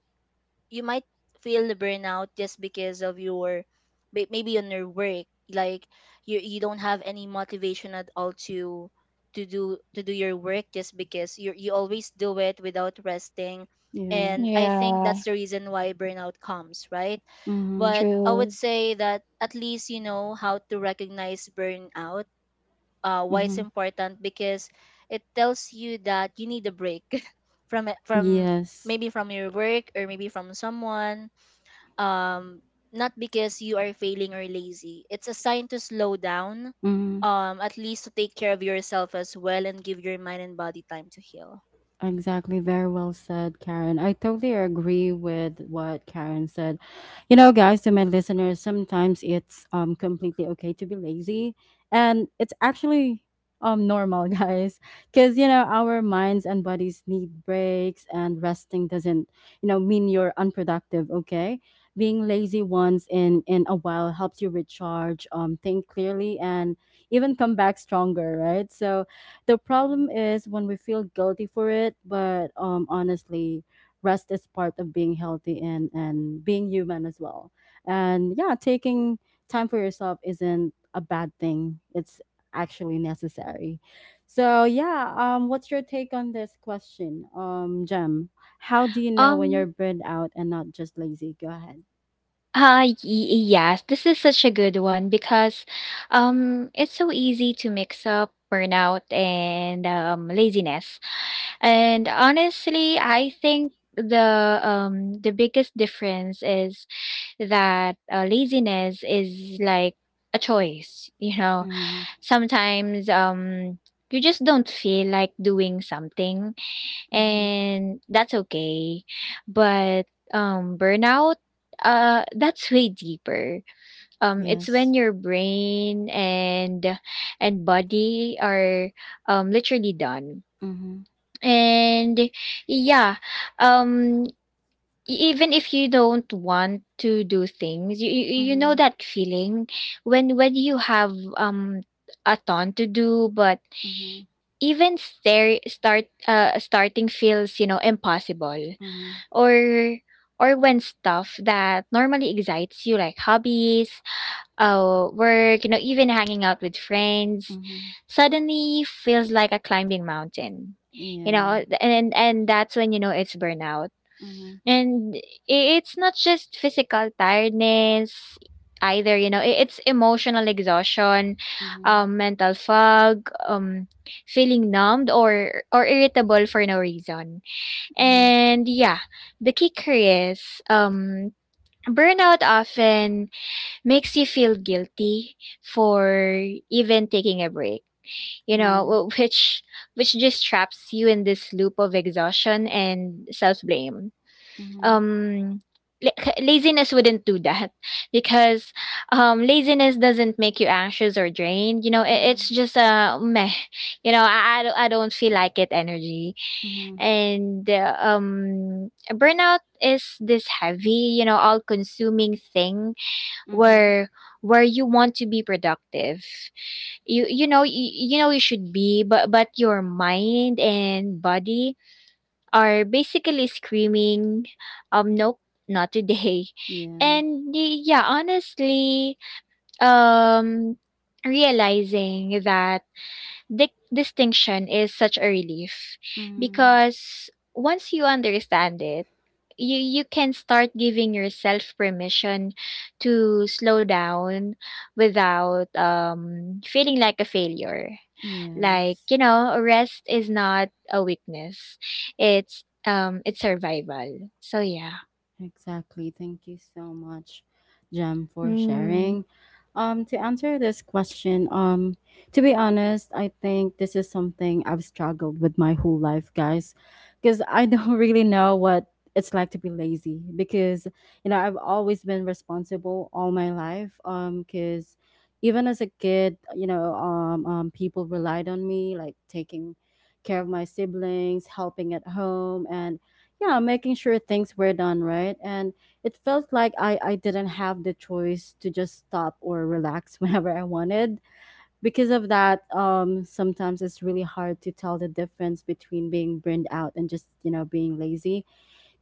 B: you might feel the burnout just because of your, maybe on your work, like you don't have any motivation at all to to do your work, just because you always do it without resting.
A: Yeah.
B: And I think that's the reason why burnout comes, right?
A: Mhm.
B: But I would say that at least you know how to recognize burnout. Uh, why it's
A: Mhm.
B: important, because it tells you that you need a break *laughs* from it, from
A: Yes.
B: maybe from your work or maybe from someone, um, not because you are failing or lazy. It's a sign to slow down,
A: Mm-hmm.
B: um, at least to take care of yourself as well, and give your mind and body time to heal.
A: Exactly. Very well said, Karen. I totally agree with what Karen said. You know, guys, to my listeners, sometimes it's completely okay to be lazy, and it's actually normal, *laughs* guys, because, you know, our minds and bodies need breaks, and resting doesn't, you know, mean you're unproductive. Okay, being lazy once in a while helps you recharge, think clearly, and even come back stronger, right? So the problem is when we feel guilty for it, but honestly, rest is part of being healthy, and being human as well. And yeah, taking time for yourself isn't a bad thing, it's actually necessary. So, yeah, what's your take on this question, Jem? How do you know when you're burned out and not just lazy? Go ahead. Mm-hmm. Mm-hmm. Yes. Mm-hmm. Mm-hmm. Mm-hmm. Mm-hmm. Mm-hmm. Yeah. Mhm, mhm, yeah, mhm, mhm, mhm, mhm, yeah, mhm, yes. Exactly. Thank you so much, Jem, for sharing. To answer this question, to be honest, I think this is something I've struggled with my whole life, guys, because I don't *laughs* really know what it's like to be lazy. Because, you know, I've always been responsible all my life. Because even as a kid, you know, people relied on me, like taking care of my siblings, helping at home, and yeah, making sure things were done right. And it felt like I didn't have the choice to just stop or relax *laughs* whenever I wanted. Because of that, sometimes it's really hard to tell the difference between being burned out and just, you know, being lazy.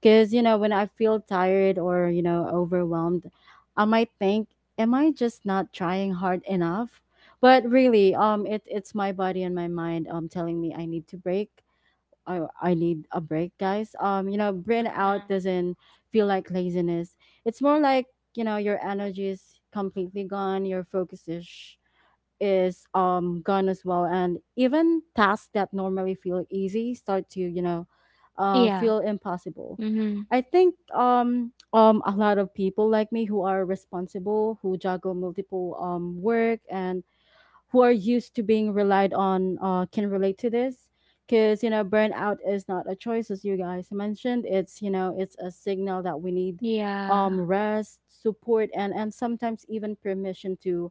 A: Because, you know, when I feel tired or, you know, overwhelmed, I might think, am I just not trying hard enough? But really, it, it's my body and my mind telling me I need to break. I need a break, guys. You know, burnout doesn't feel like laziness. It's more like, you know, your energy is completely gone, your focus is is gone as well. And even tasks that normally feel easy start to, you know, feel impossible. I think a lot of people like me who are responsible, who juggle multiple work, and who are used to being relied on can relate to this, because, you know, burnout is not a choice. As you guys mentioned, it's, you know, it's a signal that we need rest, support, and sometimes even permission to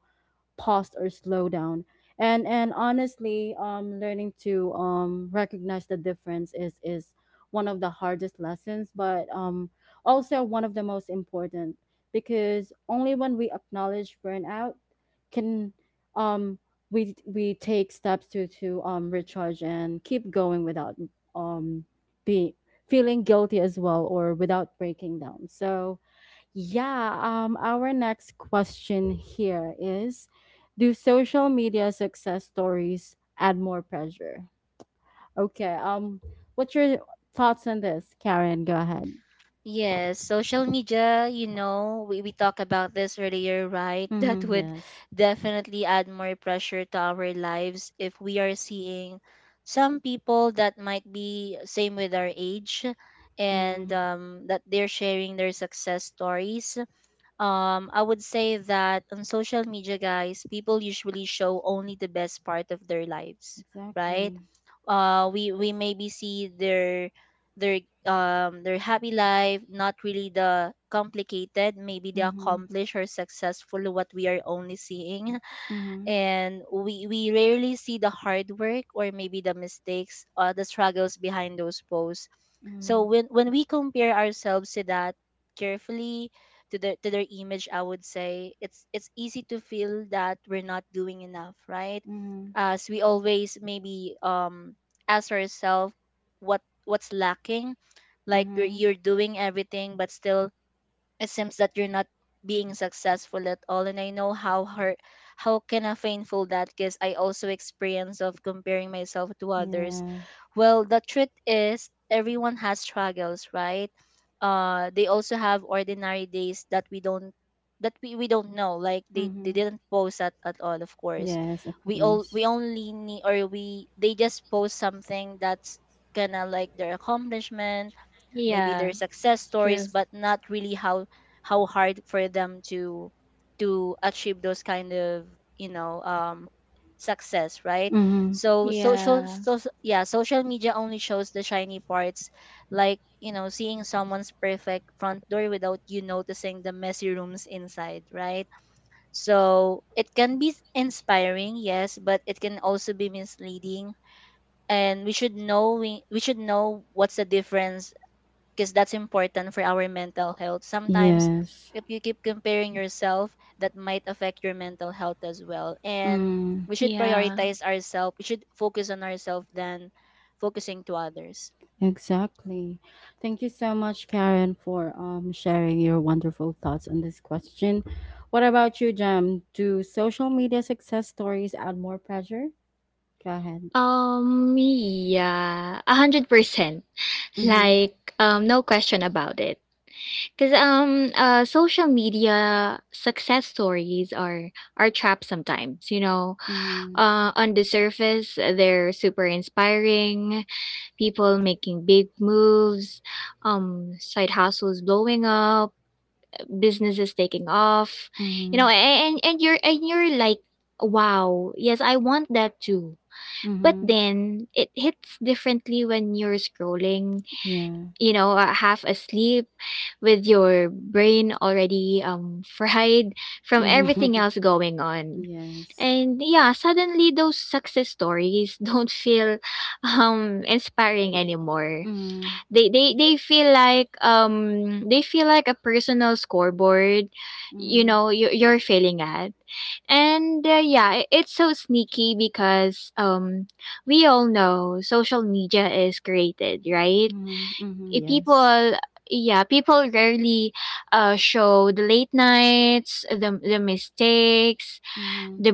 A: pause or slow down. And honestly, learning to recognize the difference is one of the hardest lessons, but also one of the most important, because only when we acknowledge burnout can um, we take steps to recharge and keep going without um, be feeling guilty as well, or without breaking down. So yeah, our next question here is, do social media success stories add more pressure? Okay, what's your thoughts on this, Karen? Go ahead.
B: Yes, social media, you know, we talked about this earlier, right? *laughs* That
A: Mm-hmm,
B: would
A: yes.
B: definitely add more pressure to our lives if we are seeing some people that might be same with our age, and
A: Mm-hmm,
B: that they're sharing their success stories, I would say that on social media, guys, people usually show only the best part of their lives, right?
A: exactly.
B: We maybe see their their happy life, not really the complicated, maybe the
A: Mm-hmm,
B: accomplished or successful, what we are only seeing.
A: mm-hmm,
B: And we rarely see the hard work, or maybe the mistakes or the struggles behind those posts.
A: mm-hmm,
B: So when we compare ourselves to that carefully, to their image, I would say it's easy to feel that we're not doing enough, right?
A: mm-hmm,
B: As we always maybe ask ourselves what what's lacking, like
A: mm-hmm.
B: you're doing everything but still it seems that you're not being successful at all. And I know how hard, how kind of painful that, because I also experience of comparing myself to others.
A: Yeah.
B: Well, the truth is everyone has struggles, right? Uh, they also have ordinary days that we don't, that we don't know, like they
A: Mm-hmm.
B: didn't post at all, of course.
A: Yes, of
B: We all
A: course.
B: we only need, or we, they just post something that's gonna like their accomplishment, maybe their success stories, but not really how hard for them to achieve those kind of, you know, um, success, right?
A: Mm-hmm.
B: So social so so, yeah, social media only shows the shiny parts, like, you know, seeing someone's perfect front door without you noticing the messy rooms inside, right? So it can be inspiring, yes, but it can also be misleading, and we should know, we should know what's the difference, because that's important for our mental health. Sometimes
A: Yes.
B: if you keep comparing yourself, that might affect your mental health as well. And
A: Hmm.
B: we should prioritize ourselves. We should focus on ourselves than focusing to others.
A: Exactly. Thank you so much, Karen, for sharing your wonderful thoughts on this question. What about you, Jam? Do social media success stories add more pressure? Go ahead. Mm-hmm. Mm-hmm. Mm-hmm. Mm-hmm. Yeah. Mm-hmm. *laughs* yes. Mm-hmm. Mm-hmm. Mm-hmm. Mm-hmm. Yes. Mm-hmm.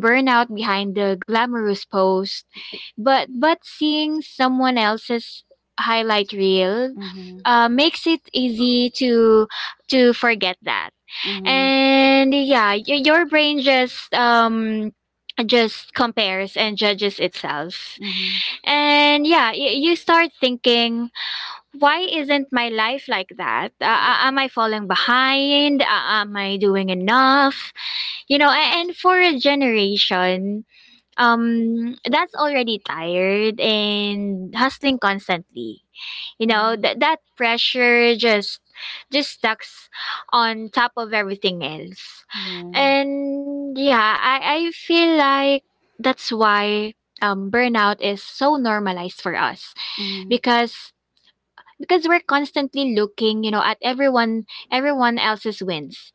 A: Mm-hmm. Mm-hmm. Mm-hmm. Mm-hmm. Yeah. Mm-hmm.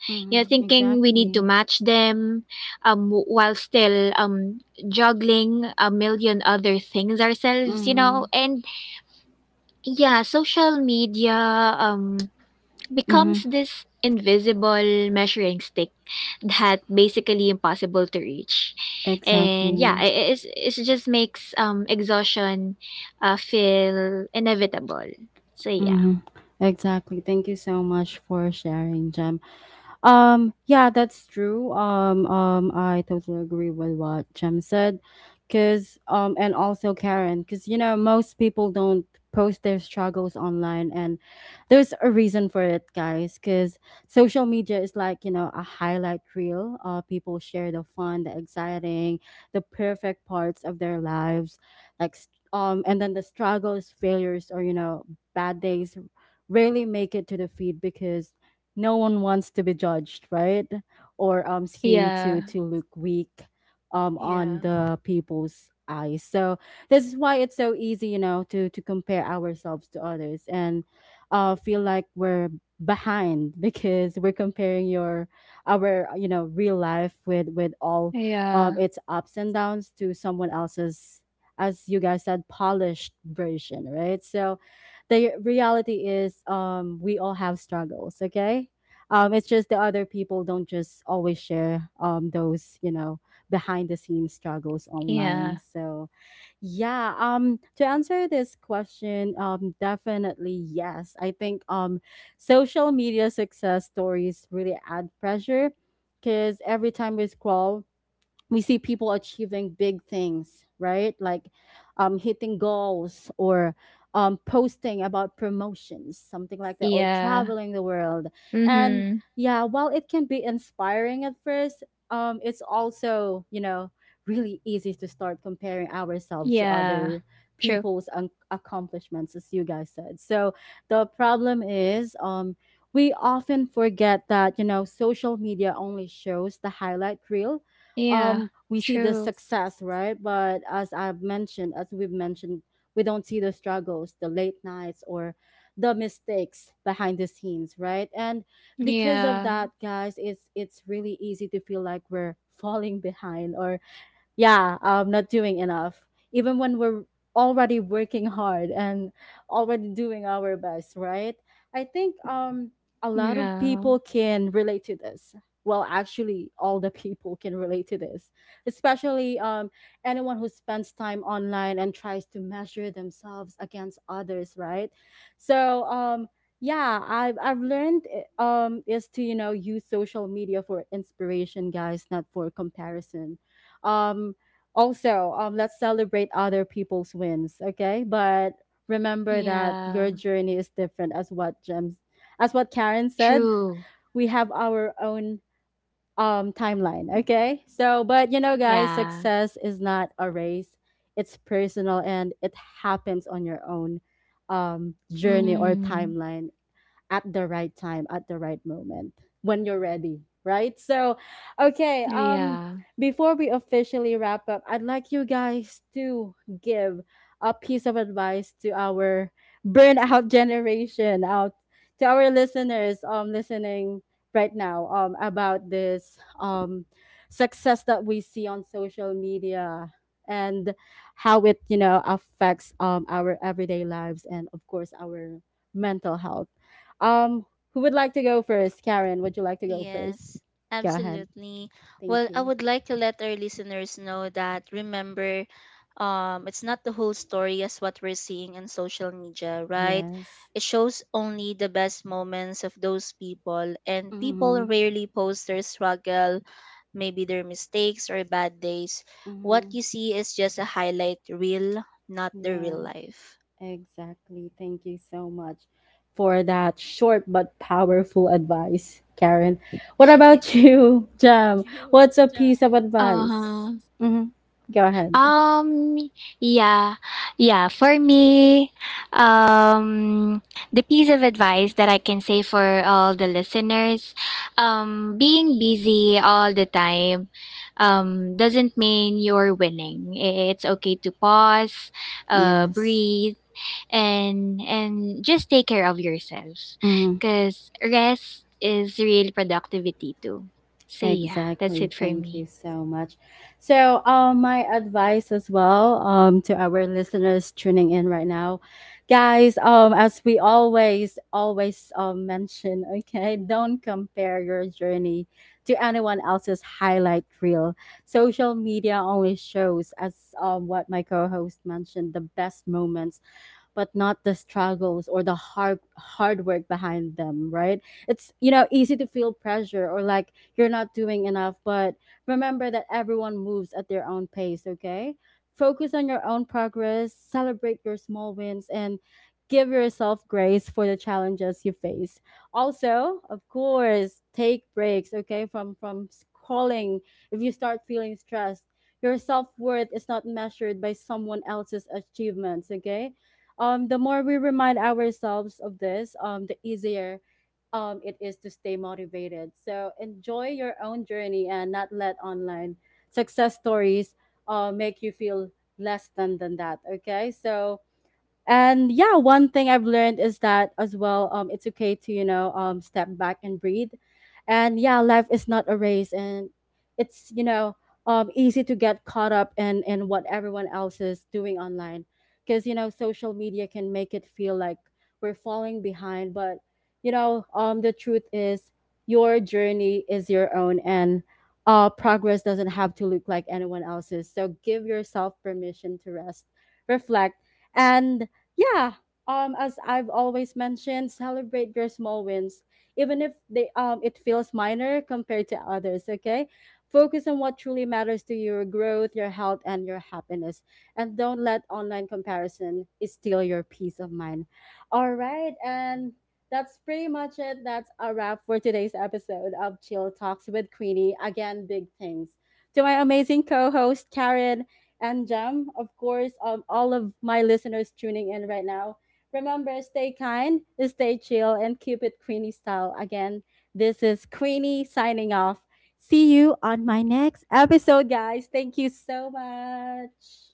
A: Mm-hmm. Exactly. Mm-hmm. Mm-hmm. Exactly. Mhm. Exactly. Thank you so much for sharing, Jem. Yeah, that's true. I totally agree with what Jem said, cause and also Karen, cause, you know, most people don't post their struggles online, and there's a reason for it, guys. Cause social media is, like, you know, a highlight reel. People share the fun, the exciting, the perfect parts of their lives, like and then the struggles, failures, or, you know, bad days rarely make it to the feed, because no one wants to be judged, right? Or seem to look weak on the people's eyes. So this is why it's so easy, to compare ourselves to others and feel like we're behind *laughs* because we're comparing your our real life with all its ups and downs to someone else's, as you guys said, polished version, right? So the reality is, we all have struggles. Okay, it's just the other people don't just always share those, behind the scenes struggles online. So yeah, to answer this question, definitely yes, I think social media success stories really add pressure, because every time we scroll we see people achieving big things, right? Like hitting goals or posting about promotions, something like that, or traveling the world. And yeah, while it can be inspiring at first, it's also, you know, really easy to start comparing ourselves to other accomplishments, as you guys said. So the problem is, we often forget that, you know, social media only shows the highlight reel. We see the success, right? But as I've mentioned, as we've mentioned, we don't see the struggles, the late nights, or the mistakes behind the scenes, right? And because of that, guys, it's really easy to feel like we're falling behind or yeah, not doing enough, even when we're already working hard and already doing our best, right? I think a lot of people can relate to this. Well, actually, all the *laughs* people can relate to this, especially anyone who spends time online and tries to measure themselves against others, right? So, yeah, I've learned is to, you know, use social media for inspiration, guys, not for comparison. um Also, let's celebrate other people's wins, okay? But remember that your journey is different, as what Gems, as what Karen said, we have our own timeline. Okay, so but you know, guys, success is not a race. It's personal and it happens on your own journey or timeline, at the right time, at the right moment, when you're ready, right? So, okay, before we officially wrap up, I'd like you guys to give a piece of advice to our burnout *laughs* generation, out to our listeners listening right now about this success that we see on social media, and how it, you know, affects our everyday lives, and of course our mental health. um, who would like to go first? Karen, would you like to go first?
B: Yes,
A: Go ahead.
B: absolutely. Well,
A: Thank
B: I
A: you.
B: would like to let our listeners know that remember, it's not the whole story as what we're seeing on social media, right?
A: Yes.
B: It shows only the best moments of those people, and people
A: Mm-hmm.
B: rarely post their struggle, maybe their mistakes or bad days. What
A: Mm-hmm.
B: you see is just a highlight reel, not the real
A: Yeah,
B: life.
A: exactly. Thank you so much for that short but powerful advice, Karen. What about
B: *laughs*
A: you, *laughs* Jam? What's a piece of advice? Mm-hmm. Go ahead. Yes. Exactly. Thank you so much. So, my advice as well, to our listeners tuning in right now, guys, as we always, always, mention, *laughs* okay, don't compare your journey to anyone else's highlight reel. Social media only shows, as what my co-host mentioned, the best moments but not the struggles or the hard work behind them, right? It's, you know, easy to feel pressure or like you're not doing enough. But remember that everyone moves at their own pace, okay? Focus on your own progress, celebrate your small wins, and give yourself grace for the challenges you face. Also, of course, take breaks, okay, from scrolling if you start feeling stressed. Your self-worth is not measured by someone else's achievements, okay? The more we remind ourselves of this, the easier it is to stay motivated. So enjoy your own journey and not let online success stories make you feel less than that. Okay, so and yeah, one thing I've learned is that as well, it's okay to, you know, step back and breathe. And yeah, life is not a race and it's, you know, easy to get caught up in what everyone else is doing online, because, you know, social media can make it feel like we're falling behind. But you know, the truth is, your journey is your own, and progress doesn't have to look like anyone else's. So give yourself permission to rest, reflect, and yeah. As I've always mentioned, celebrate your small wins, even if they it feels minor compared to others, okay? Focus on what truly matters to your growth, your health, and your happiness. And don't let online comparison steal your peace of mind. All right, and that's pretty much it. That's a wrap for today's episode of Chill Talks with Queenie. Again, big thanks to my amazing co-host Karen and Jam. Of course, all of my listeners tuning in right now. Remember, stay kind, stay chill, and keep it Queenie style. Again, this is Queenie signing off. See you on my next episode, guys. Thank you so much.